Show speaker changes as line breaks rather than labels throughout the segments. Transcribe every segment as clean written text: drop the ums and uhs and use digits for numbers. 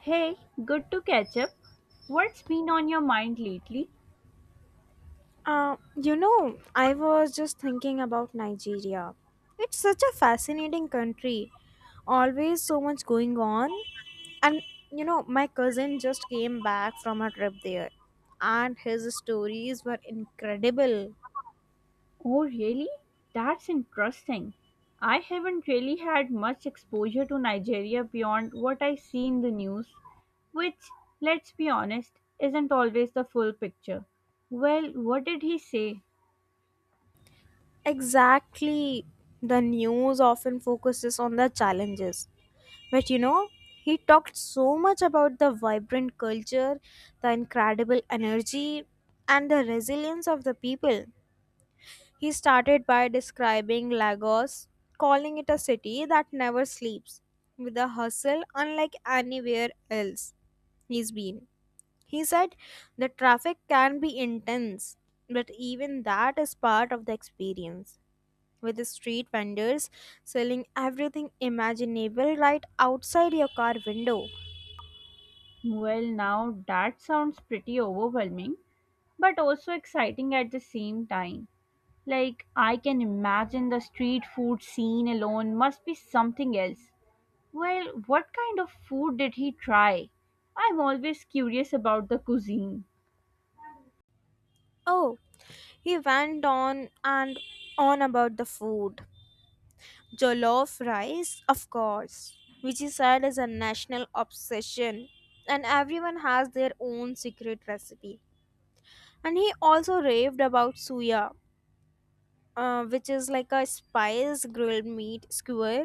Hey, good to catch up. What's been on your mind lately?
I was just thinking about Nigeria. It's such a fascinating country. Always so much going on. And my cousin just came back from a trip there, and his stories were incredible.
Oh, really? That's interesting. I haven't really had much exposure to Nigeria beyond what I see in the news, which, let's be honest, isn't always the full picture. Well, what did he say?
Exactly. The news often focuses on the challenges. But he talked so much about the vibrant culture, the incredible energy, and the resilience of the people. He started by describing Lagos, calling it a city that never sleeps, with a hustle unlike anywhere else he's been. He said the traffic can be intense, but even that is part of the experience, with the street vendors selling everything imaginable right outside your car window.
Well, now that sounds pretty overwhelming, but also exciting at the same time. Like, I can imagine the street food scene alone must be something else. Well, what kind of food did he try? I'm always curious about the cuisine.
Oh, he went on and on about the food. Jollof rice, of course, which is said as a national obsession, and everyone has their own secret recipe. And he also raved about suya, which is like a spice grilled meat skewer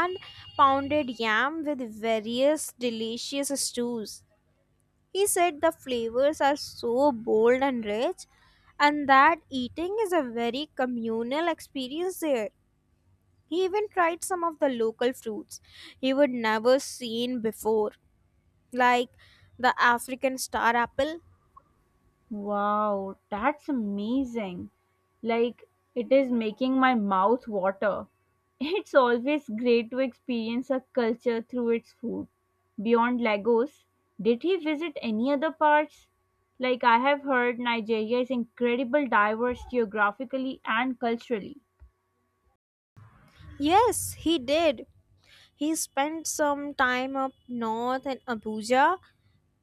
and pounded yam with various delicious stews. He said the flavors are so bold and rich, and that eating is a very communal experience there. He even tried some of the local fruits he would never seen before, like the African star apple.
Wow, that's amazing. Like, it is making my mouth water. It's always great to experience a culture through its food. Beyond Lagos, did he visit any other parts? Like, I have heard Nigeria is incredible diverse geographically and culturally.
Yes, he did. He spent some time up north in Abuja,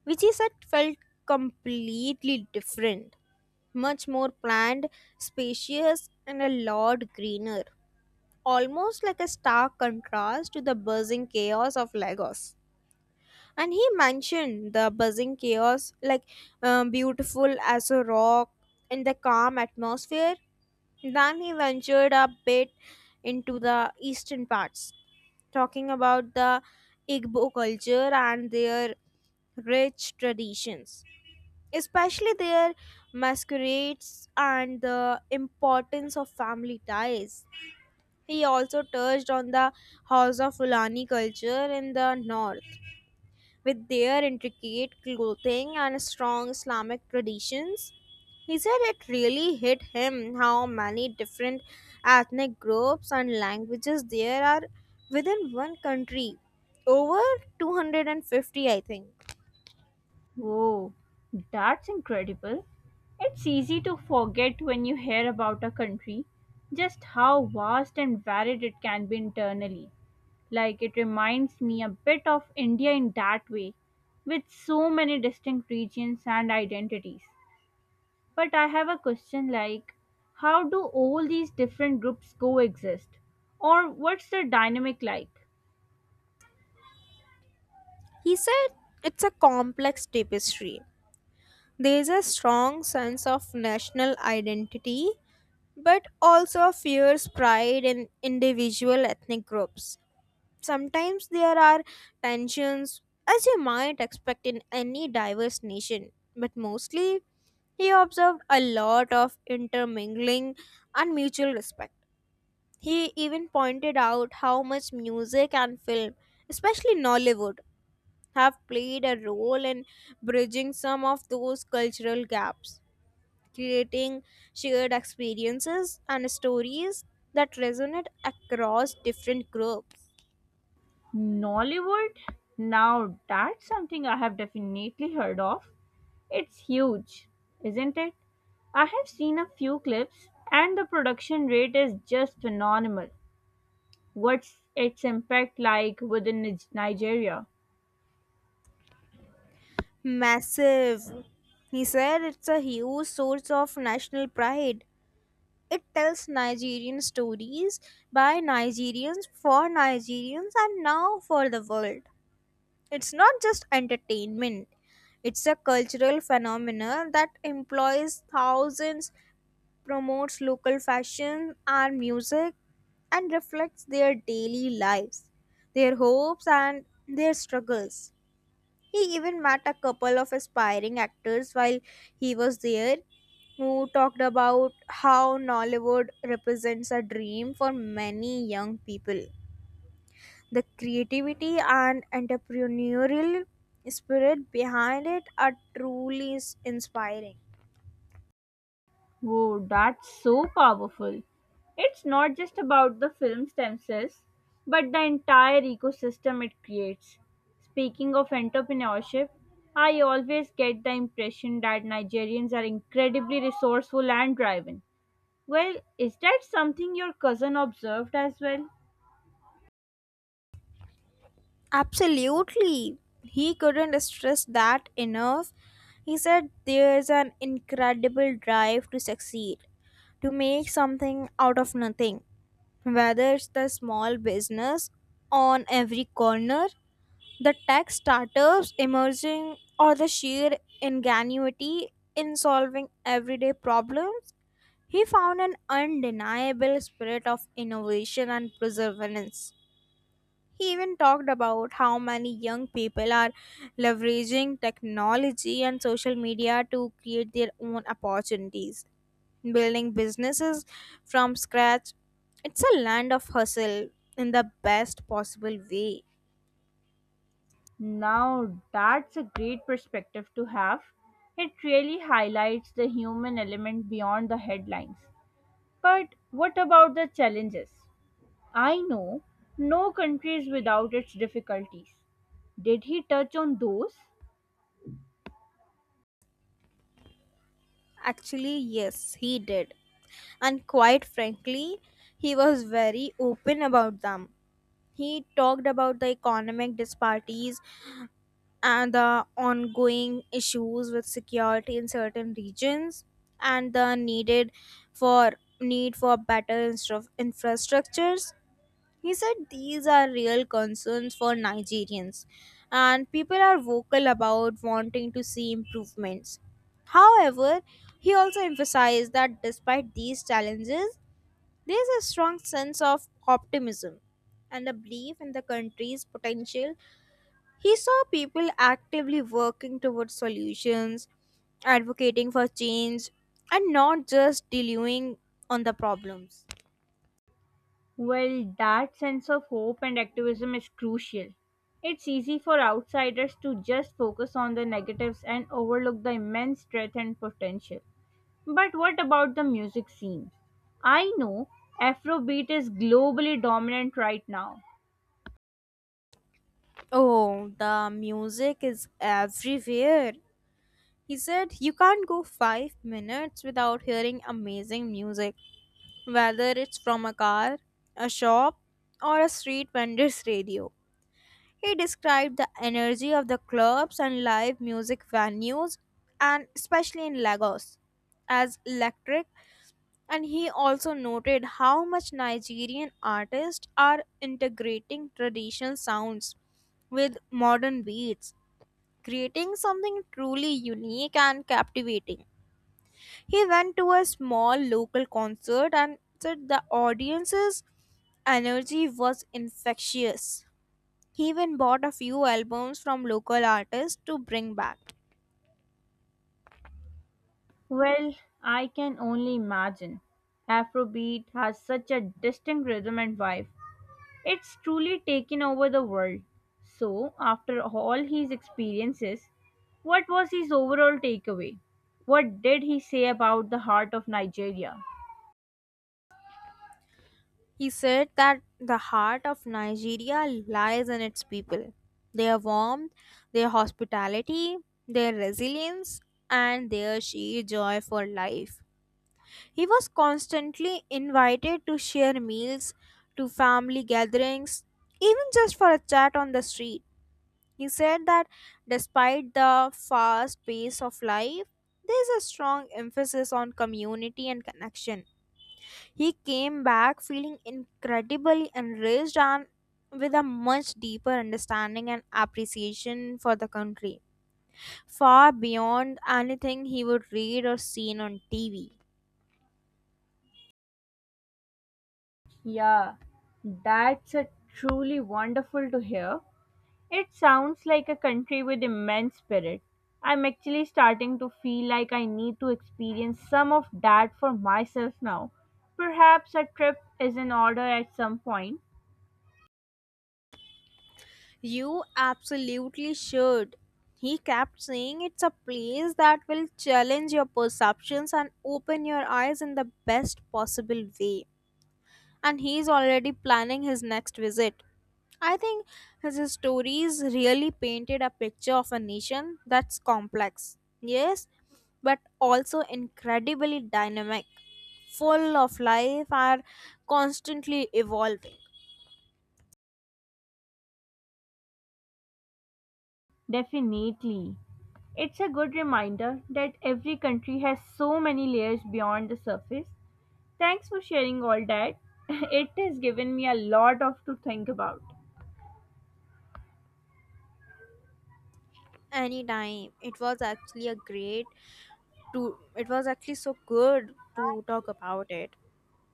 which he said felt completely different, much more planned, spacious, and a lot greener, almost like a stark contrast to the buzzing chaos of Lagos. And he mentioned the buzzing chaos like beautiful as a rock in the calm atmosphere. Then he ventured a bit into the eastern parts, talking about the Igbo culture and their rich traditions, especially their masquerades and the importance of family ties. He also touched on the house of Fulani culture in the north, with their intricate clothing and strong Islamic traditions. He said it really hit him how many different ethnic groups and languages there are within one country. Over 250, I think.
Oh, that's incredible. It's easy to forget when you hear about a country just how vast and varied it can be internally. Like it reminds me a bit of India in that way, with so many distinct regions and identities. But I have a question like, how do all these different groups coexist? Or what's the dynamic like?
He said it's a complex tapestry. There is a strong sense of national identity, but also a fierce pride in individual ethnic groups. Sometimes there are tensions, as you might expect in any diverse nation, but mostly he observed a lot of intermingling and mutual respect. He even pointed out how much music and film, especially Nollywood, have played a role in bridging some of those cultural gaps, creating shared experiences and stories that resonate across different groups.
Nollywood? Now that's something I have definitely heard of. It's huge, isn't it? I have seen a few clips and the production rate is just phenomenal. What's its impact like within Nigeria?
Massive. He said it's a huge source of national pride. It tells Nigerian stories by Nigerians for Nigerians and now for the world. It's not just entertainment, it's a cultural phenomenon that employs thousands, promotes local fashion and music, and reflects their daily lives, their hopes, and their struggles. He even met a couple of aspiring actors while he was there who talked about how Nollywood represents a dream for many young people. The creativity and entrepreneurial spirit behind it are truly inspiring.
Oh, that's so powerful. It's not just about the films themselves, but the entire ecosystem it creates. Speaking of entrepreneurship, I always get the impression that Nigerians are incredibly resourceful and driven. Well, is that something your cousin observed as well?
Absolutely. He couldn't stress that enough. He said there's an incredible drive to succeed, to make something out of nothing. Whether it's the small business on every corner, the tech startups emerging, or the sheer ingenuity in solving everyday problems, he found an undeniable spirit of innovation and perseverance. He even talked about how many young people are leveraging technology and social media to create their own opportunities, building businesses from scratch. It's a land of hustle in the best possible way.
Now, that's a great perspective to have. It really highlights the human element beyond the headlines. But what about the challenges? I know no country is without its difficulties. Did he touch on those?
Actually, yes, he did. And quite frankly, he was very open about them. He talked about the economic disparities and the ongoing issues with security in certain regions, and the needed for need for better infrastructures. He said these are real concerns for Nigerians, and people are vocal about wanting to see improvements. However, he also emphasized that despite these challenges, there is a strong sense of optimism and a belief in the country's potential. He saw people actively working towards solutions, advocating for change, and not just dealing on the problems.
Well, that sense of hope and activism is crucial. It's easy for outsiders to just focus on the negatives and overlook the immense strength and potential. But what about the music scene? I know Afrobeat is globally dominant right now.
Oh, the music is everywhere. He said you can't go 5 minutes without hearing amazing music, whether it's from a car, a shop, or a street vendor's radio. He described the energy of the clubs and live music venues, and especially in Lagos, as electric. And he also noted how much Nigerian artists are integrating traditional sounds with modern beats, creating something truly unique and captivating. He went to a small local concert and said the audience's energy was infectious. He even bought a few albums from local artists to bring back.
Well, I can only imagine. Afrobeat has such a distinct rhythm and vibe. It's truly taken over the world. So, after all his experiences, what was his overall takeaway? What did he say about the heart of Nigeria?
He said that the heart of Nigeria lies in its people, their warmth, their hospitality, their resilience, and their sheer joy for life. He was constantly invited to share meals, to family gatherings, even just for a chat on the street. He said that despite the fast pace of life, there's a strong emphasis on community and connection. He came back feeling incredibly enriched and with a much deeper understanding and appreciation for the country, far beyond anything he would read or seen on TV.
Yeah, that's a truly wonderful to hear. It sounds like a country with immense spirit. I'm actually starting to feel like I need to experience some of that for myself now. Perhaps a trip is in order at some point.
You absolutely should. He kept saying it's a place that will challenge your perceptions and open your eyes in the best possible way. And he's already planning his next visit. I think his stories really painted a picture of a nation that's complex, yes, but also incredibly dynamic, full of life, are constantly evolving.
Definitely. It's a good reminder that every country has so many layers beyond the surface. Thanks for sharing all that. It has given me a lot of to think about.
Anytime. To it was actually so good to talk about it.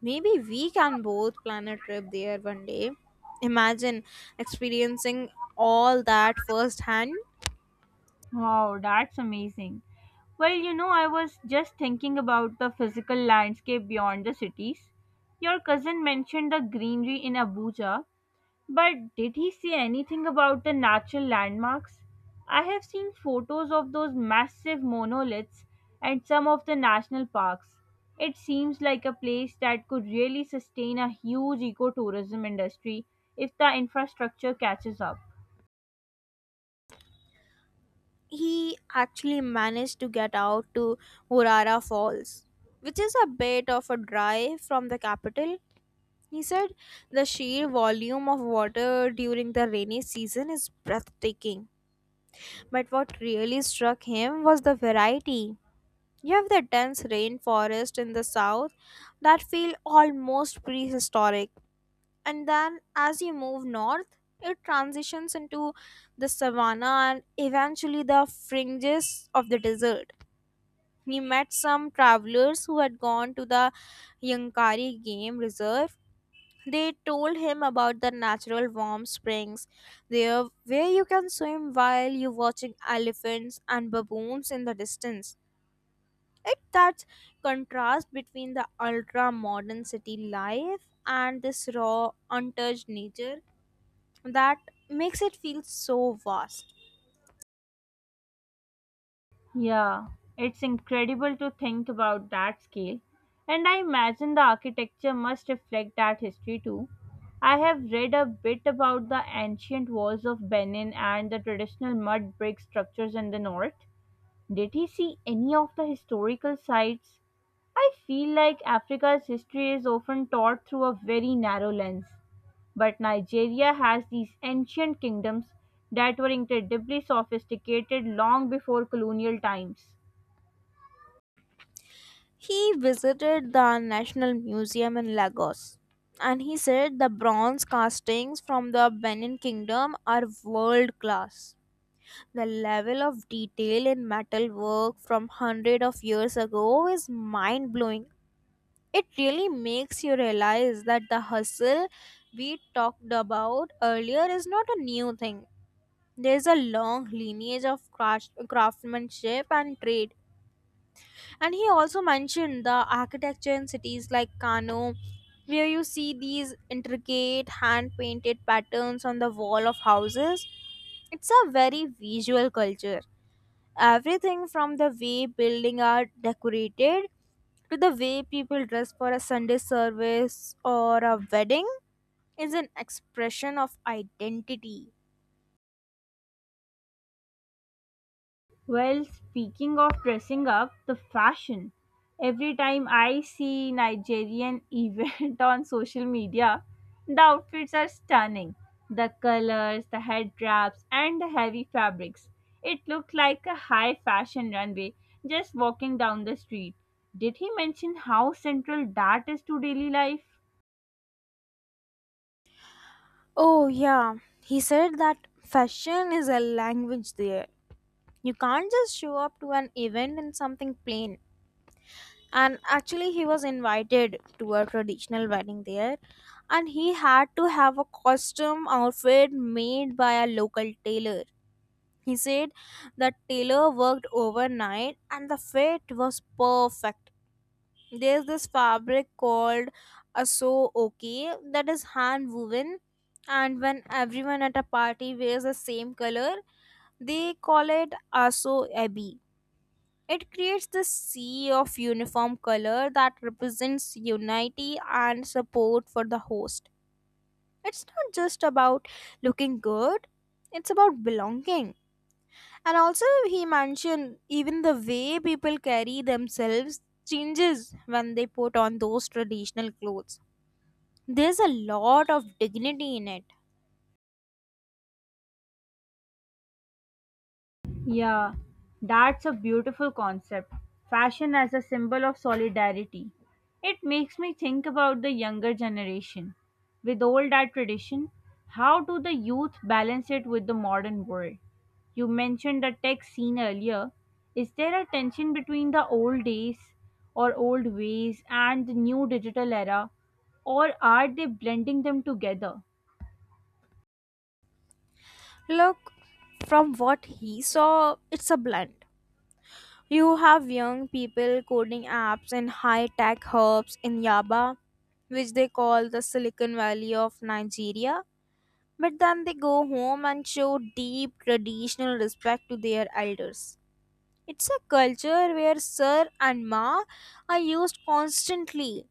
Maybe we can both plan a trip there one day. Imagine experiencing all that firsthand.
Wow, that's amazing. Well, you know, I was just thinking about the physical landscape beyond the cities. Your cousin mentioned the greenery in Abuja. But did he say anything about the natural landmarks? I have seen photos of those massive monoliths at some of the national parks. It seems like a place that could really sustain a huge ecotourism industry if the infrastructure catches up.
He actually managed to get out to Urara Falls, which is a bit of a drive from the capital. He said the sheer volume of water during the rainy season is breathtaking. But what really struck him was the variety. You have the dense rainforest in the south that feel almost prehistoric, and then as you move north, it transitions into the savanna and eventually the fringes of the desert. We met some travelers who had gone to the Yankari Game Reserve. They told him about the natural warm springs there, where you can swim while you're watching elephants and baboons in the distance. It That contrast between the ultra modern city life and this raw, untouched nature, that makes it feel so vast.
Yeah, it's incredible to think about that scale. And I imagine the architecture must reflect that history too. I have read a bit about the ancient walls of Benin and the traditional mud brick structures in the north. Did he see any of the historical sites? I feel like Africa's history is often taught through a very narrow lens, but Nigeria has these ancient kingdoms that were incredibly sophisticated long before colonial times.
He visited the National Museum in Lagos, and he said the bronze castings from the Benin Kingdom are world class. The level of detail in metal work from 100 of years ago is mind blowing. It really makes you realize that the hustle we talked about earlier is not a new thing. There's a long lineage of craftsmanship and trade. And he also mentioned the architecture in cities like Kano, where you see these intricate hand painted patterns on the wall of houses. It's a very visual culture. Everything from the way buildings are decorated to the way people dress for a Sunday service or a wedding is an expression of identity.
Well, speaking of dressing up, the fashion. Every time I see Nigerian event on social media, the outfits are stunning. The colors, the head wraps, and the heavy fabrics. It looked like a high fashion runway just walking down the street. Did he mention how central that is to daily life?
Oh, yeah, he said that fashion is a language there. You can't just show up to an event in something plain. And actually, he was invited to a traditional wedding there, and he had to have a costume outfit made by a local tailor. He said that tailor worked overnight and the fit was perfect. There's this fabric called aso okay, that is hand woven, and when everyone at a party wears the same color, they call it aso ebi. It creates the sea of uniform color that represents unity and support for the host. It's not just about looking good, it's about belonging. And also, he mentioned even the way people carry themselves changes when they put on those traditional clothes. There's a lot of dignity in it.
Yeah, that's a beautiful concept. Fashion as a symbol of solidarity. It makes me think about the younger generation. With all that tradition, how do the youth balance it with the modern world? You mentioned the tech scene earlier. Is there a tension between the old days or old ways and the new digital era, or are they blending them together?
Look, from what he saw, it's a blend. You have young people coding apps in high tech hubs in Yaba, which they call the Silicon Valley of Nigeria. But then they go home and show deep traditional respect to their elders. It's a culture where sir and ma are used constantly.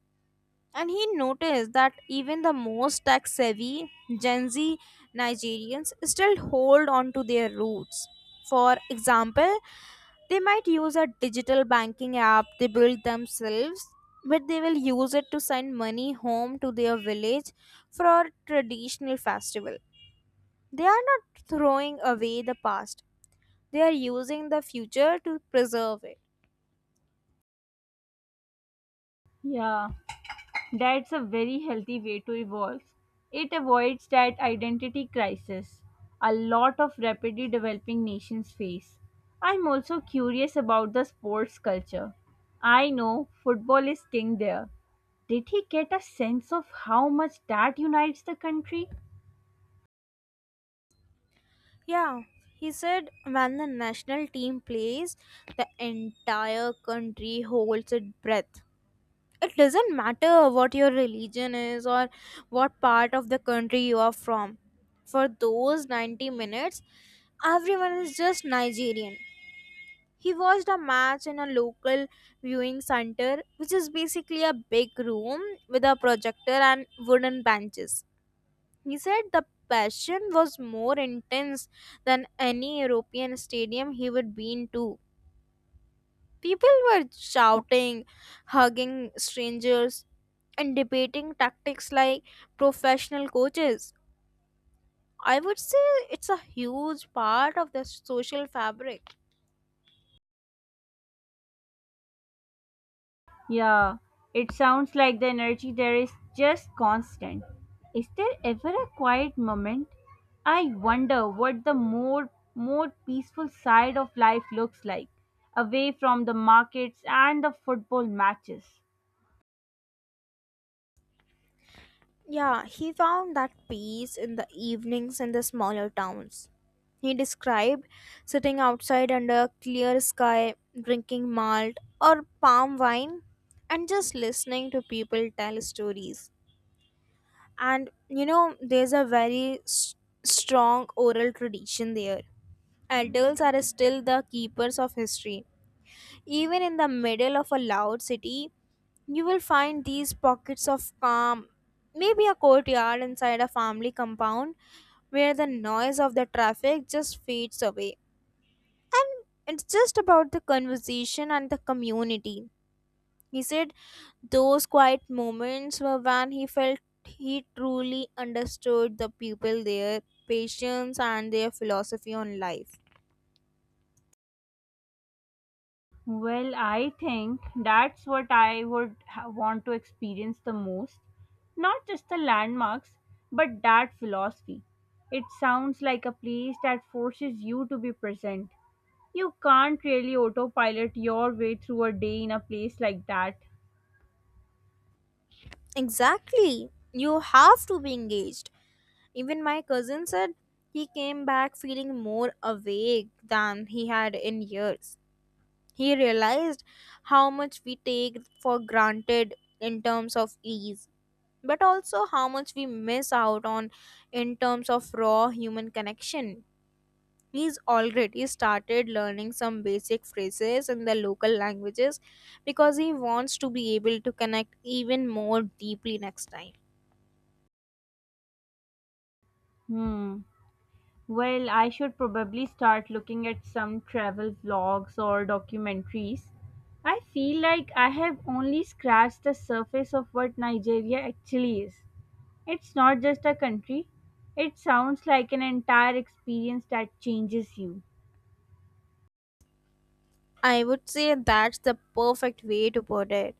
And he noticed that even the most tech savvy Gen Z Nigerians still hold on to their roots. For example, they might use a digital banking app they built themselves, but they will use it to send money home to their village for a traditional festival. They are not throwing away the past, they are using the future to preserve it.
Yeah. That's a very healthy way to evolve. It avoids that identity crisis a lot of rapidly developing nations face. I'm also curious about the sports culture. I know football is king there. Did he get a sense of how much that unites the country?
Yeah, he said when the national team plays, the entire country holds its breath. It doesn't matter what your religion is or what part of the country you are from. For those 90 minutes, everyone is just Nigerian. He watched a match in a local viewing center, which is basically a big room with a projector and wooden benches. He said the passion was more intense than any European stadium he would been to. People were shouting, hugging strangers, and debating tactics like professional coaches. I would say it's a huge part of the social fabric.
Yeah, it sounds like the energy there is just constant. Is there ever a quiet moment? I wonder what the more peaceful side of life looks like, away from the markets and the football matches.
Yeah, he found that peace in the evenings in the smaller towns. He described sitting outside under a clear sky, drinking malt or palm wine, and just listening to people tell stories. And you know, there's a very strong oral tradition there. Adults are still the keepers of history. Even in the middle of a loud city, you will find these pockets of calm, maybe a courtyard inside a family compound where the noise of the traffic just fades away. And it's just about the conversation and the community. He said those quiet moments were when he felt he truly understood the people there, patience, and their philosophy on life.
Well, I think that's what I would want to experience the most. Not just the landmarks, but that philosophy. It sounds like a place that forces you to be present. You can't really autopilot your way through a day in a place like that.
Exactly. You have to be engaged. Even my cousin said he came back feeling more awake than he had in years. He realized how much we take for granted in terms of ease, but also how much we miss out on in terms of raw human connection. He's already started learning some basic phrases in the local languages because he wants to be able to connect even more deeply next time.
Hmm. Well, I should probably start looking at some travel vlogs or documentaries. I feel like I have only scratched the surface of what Nigeria actually is. It's not just a country, it sounds like an entire experience that changes you.
I would say that's the perfect way to put it.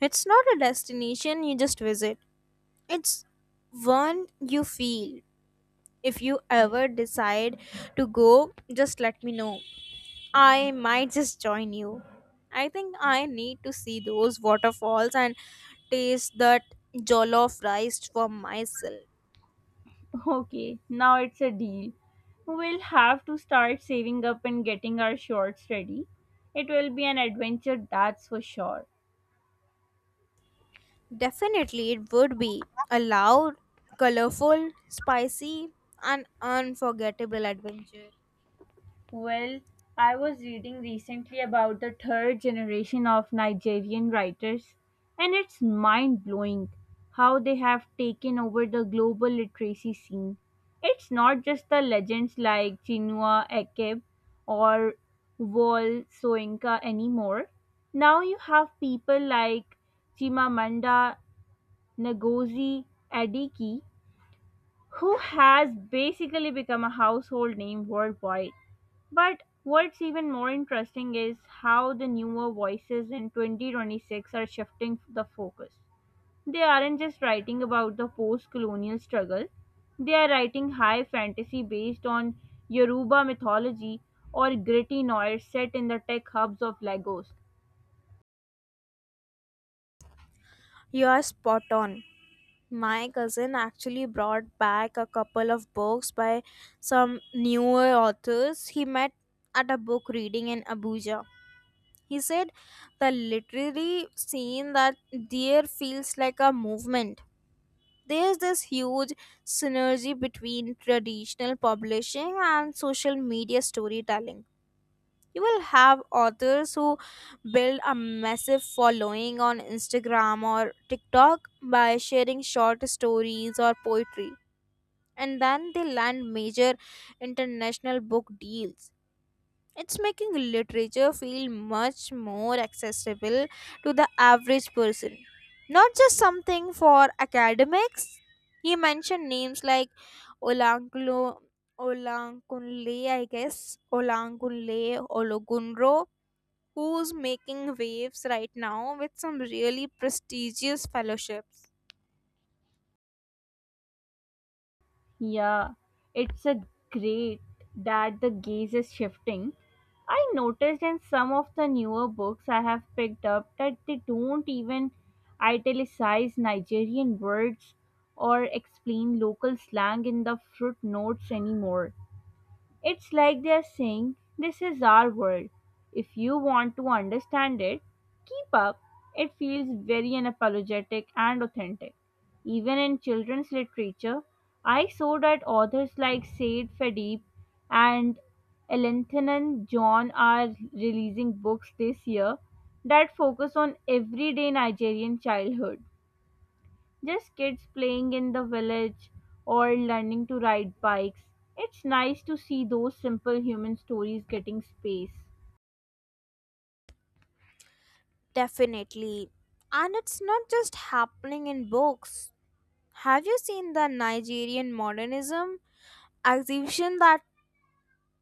It's not a destination you just visit. It's one you feel. If you ever decide to go, just let me know. I might just join you. I think I need to see those waterfalls and taste that jollof rice for myself.
Okay, now it's a deal. We'll have to start saving up and getting our shorts ready. It will be an adventure, that's for sure.
Definitely, it would be a loud, colorful, spicy, and unforgettable adventure.
Well, I was reading recently about the third generation of Nigerian writers, and it's mind blowing how they have taken over the global literacy scene. It's not just the legends like Chinua Achebe or Wole Soyinka anymore. Now you have people like Chimamanda Ngozi Adichie, who has basically become a household name worldwide. But what's even more interesting is how the newer voices in 2026 are shifting the focus. They aren't just writing about the post colonial struggle, they are writing high fantasy based on Yoruba mythology or gritty noir set in the tech hubs of Lagos.
You are spot on. My cousin actually brought back a couple of books by some newer authors he met at a book reading in Abuja. He said the literary scene that there feels like a movement. There's this huge synergy between traditional publishing and social media storytelling. You will have authors who build a massive following on Instagram or TikTok by sharing short stories or poetry, and then they land major international book deals. It's making literature feel much more accessible to the average person, not just something for academics. He mentioned names like Olangulo, Olankunle, I guess, Olankunle, Ologunro, who's making waves right now with some really prestigious fellowships.
Yeah, it's a great that the gaze is shifting. I noticed in some of the newer books I have picked up that they don't even italicize Nigerian words or explain local slang in the footnotes anymore. It's like they're saying, "This is our world. If you want to understand it, keep up." It feels very unapologetic and authentic. Even in children's literature, I saw that authors like Said Fadeep and Elanthanan John are releasing books this year that focus on everyday Nigerian childhood. Just kids playing in the village or learning to ride bikes. It's nice to see those simple human stories getting space.
Definitely. And it's not just happening in books. Have you seen the Nigerian modernism exhibition that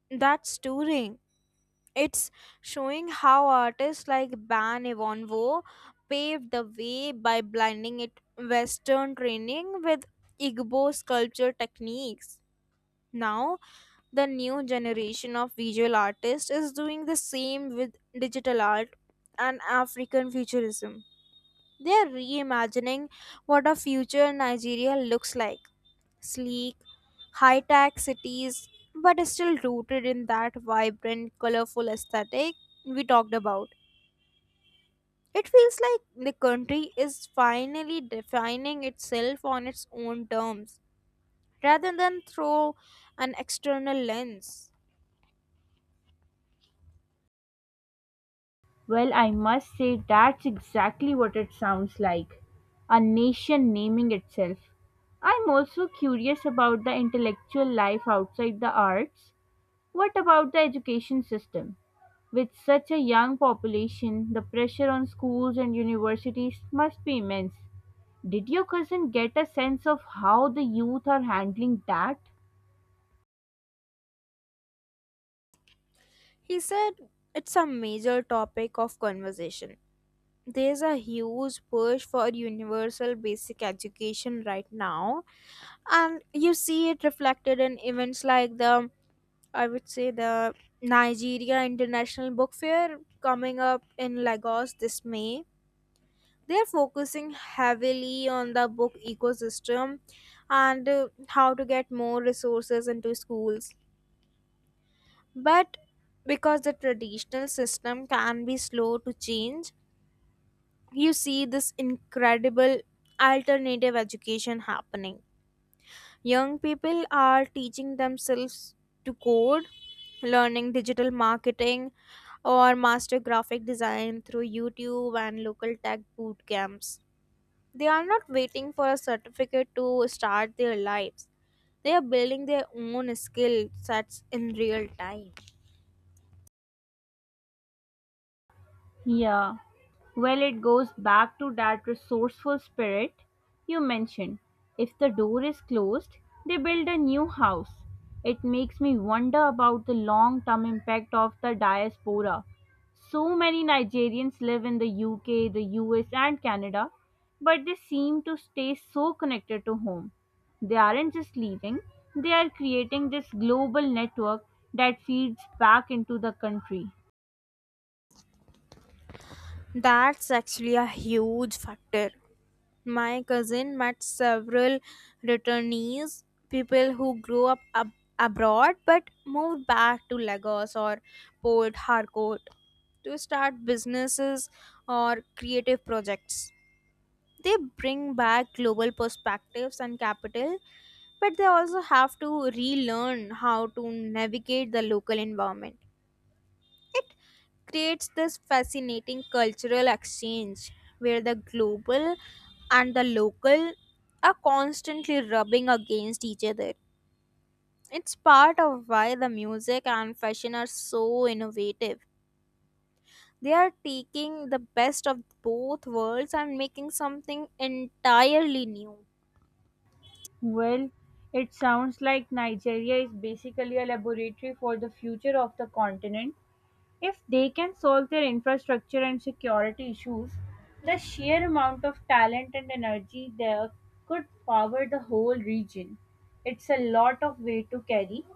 that's touring? It's showing how artists like Ban Evonwo paved the way by blending it Western training with Igbo sculpture techniques. Now, the new generation of visual artists is doing the same with digital art and African futurism. They are reimagining what a future Nigeria looks like: sleek, high tech cities, but still rooted in that vibrant, colorful aesthetic we talked about. It feels like the country is finally defining itself on its own terms rather than through an external lens.
Well, I must say that's exactly what it sounds like, a nation naming itself. I'm also curious about the intellectual life outside the arts. What about the education system? With such a young population, the pressure on schools and universities must be immense. Did your cousin get a sense of how the youth are handling that?
He said it's a major topic of conversation. There's a huge push for universal basic education right now, and you see it reflected in events like the I would say the Nigeria International Book Fair coming up in Lagos this May. They're focusing heavily on the book ecosystem and how to get more resources into schools. But because the traditional system can be slow to change, you see this incredible alternative education happening. Young people are teaching themselves to code, learning digital marketing, or master graphic design through YouTube and local tech boot camps. They are not waiting for a certificate to start their lives. They are building their own skill sets in real time.
Yeah. Well, it goes back to that resourceful spirit you mentioned. If the door is closed, they build a new house. It makes me wonder about the long term impact of the diaspora. So many Nigerians live in the UK, the US, and Canada, but they seem to stay so connected to home. They aren't just leaving, they are creating this global network that feeds back into the country.
That's actually a huge factor. My cousin met several returnees, people who grew up abroad but moved back to Lagos or Port Harcourt to start businesses or creative projects. They bring back global perspectives and capital, but they also have to relearn how to navigate the local environment. It creates this fascinating cultural exchange where the global and the local are constantly rubbing against each other. It's part of why the music and fashion are so innovative. They are taking the best of both worlds and making something entirely new.
Well, it sounds like Nigeria is basically a laboratory for the future of the continent. If they can solve their infrastructure and security issues, the sheer amount of talent and energy there could power the whole region. It's a lot of weight to carry,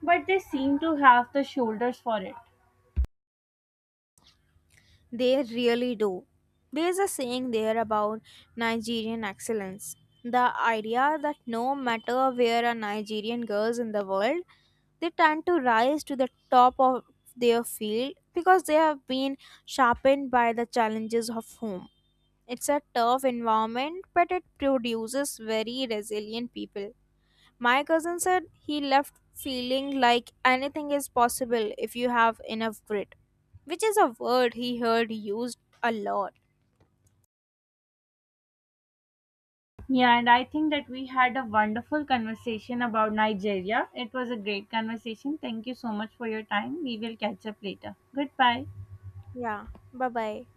but they seem to have the shoulders for it.
They really do. There's a saying there about Nigerian excellence. The idea that no matter where a Nigerian goes in the world, they tend to rise to the top of their field because they have been sharpened by the challenges of home. It's a tough environment, but it produces very resilient people. My cousin said he left feeling like anything is possible if you have enough grit, which is a word he heard used a lot.
Yeah, and I think that we had a wonderful conversation about Nigeria. It was a great conversation. Thank you so much for your time. We will catch up later. Goodbye.
Yeah, bye bye.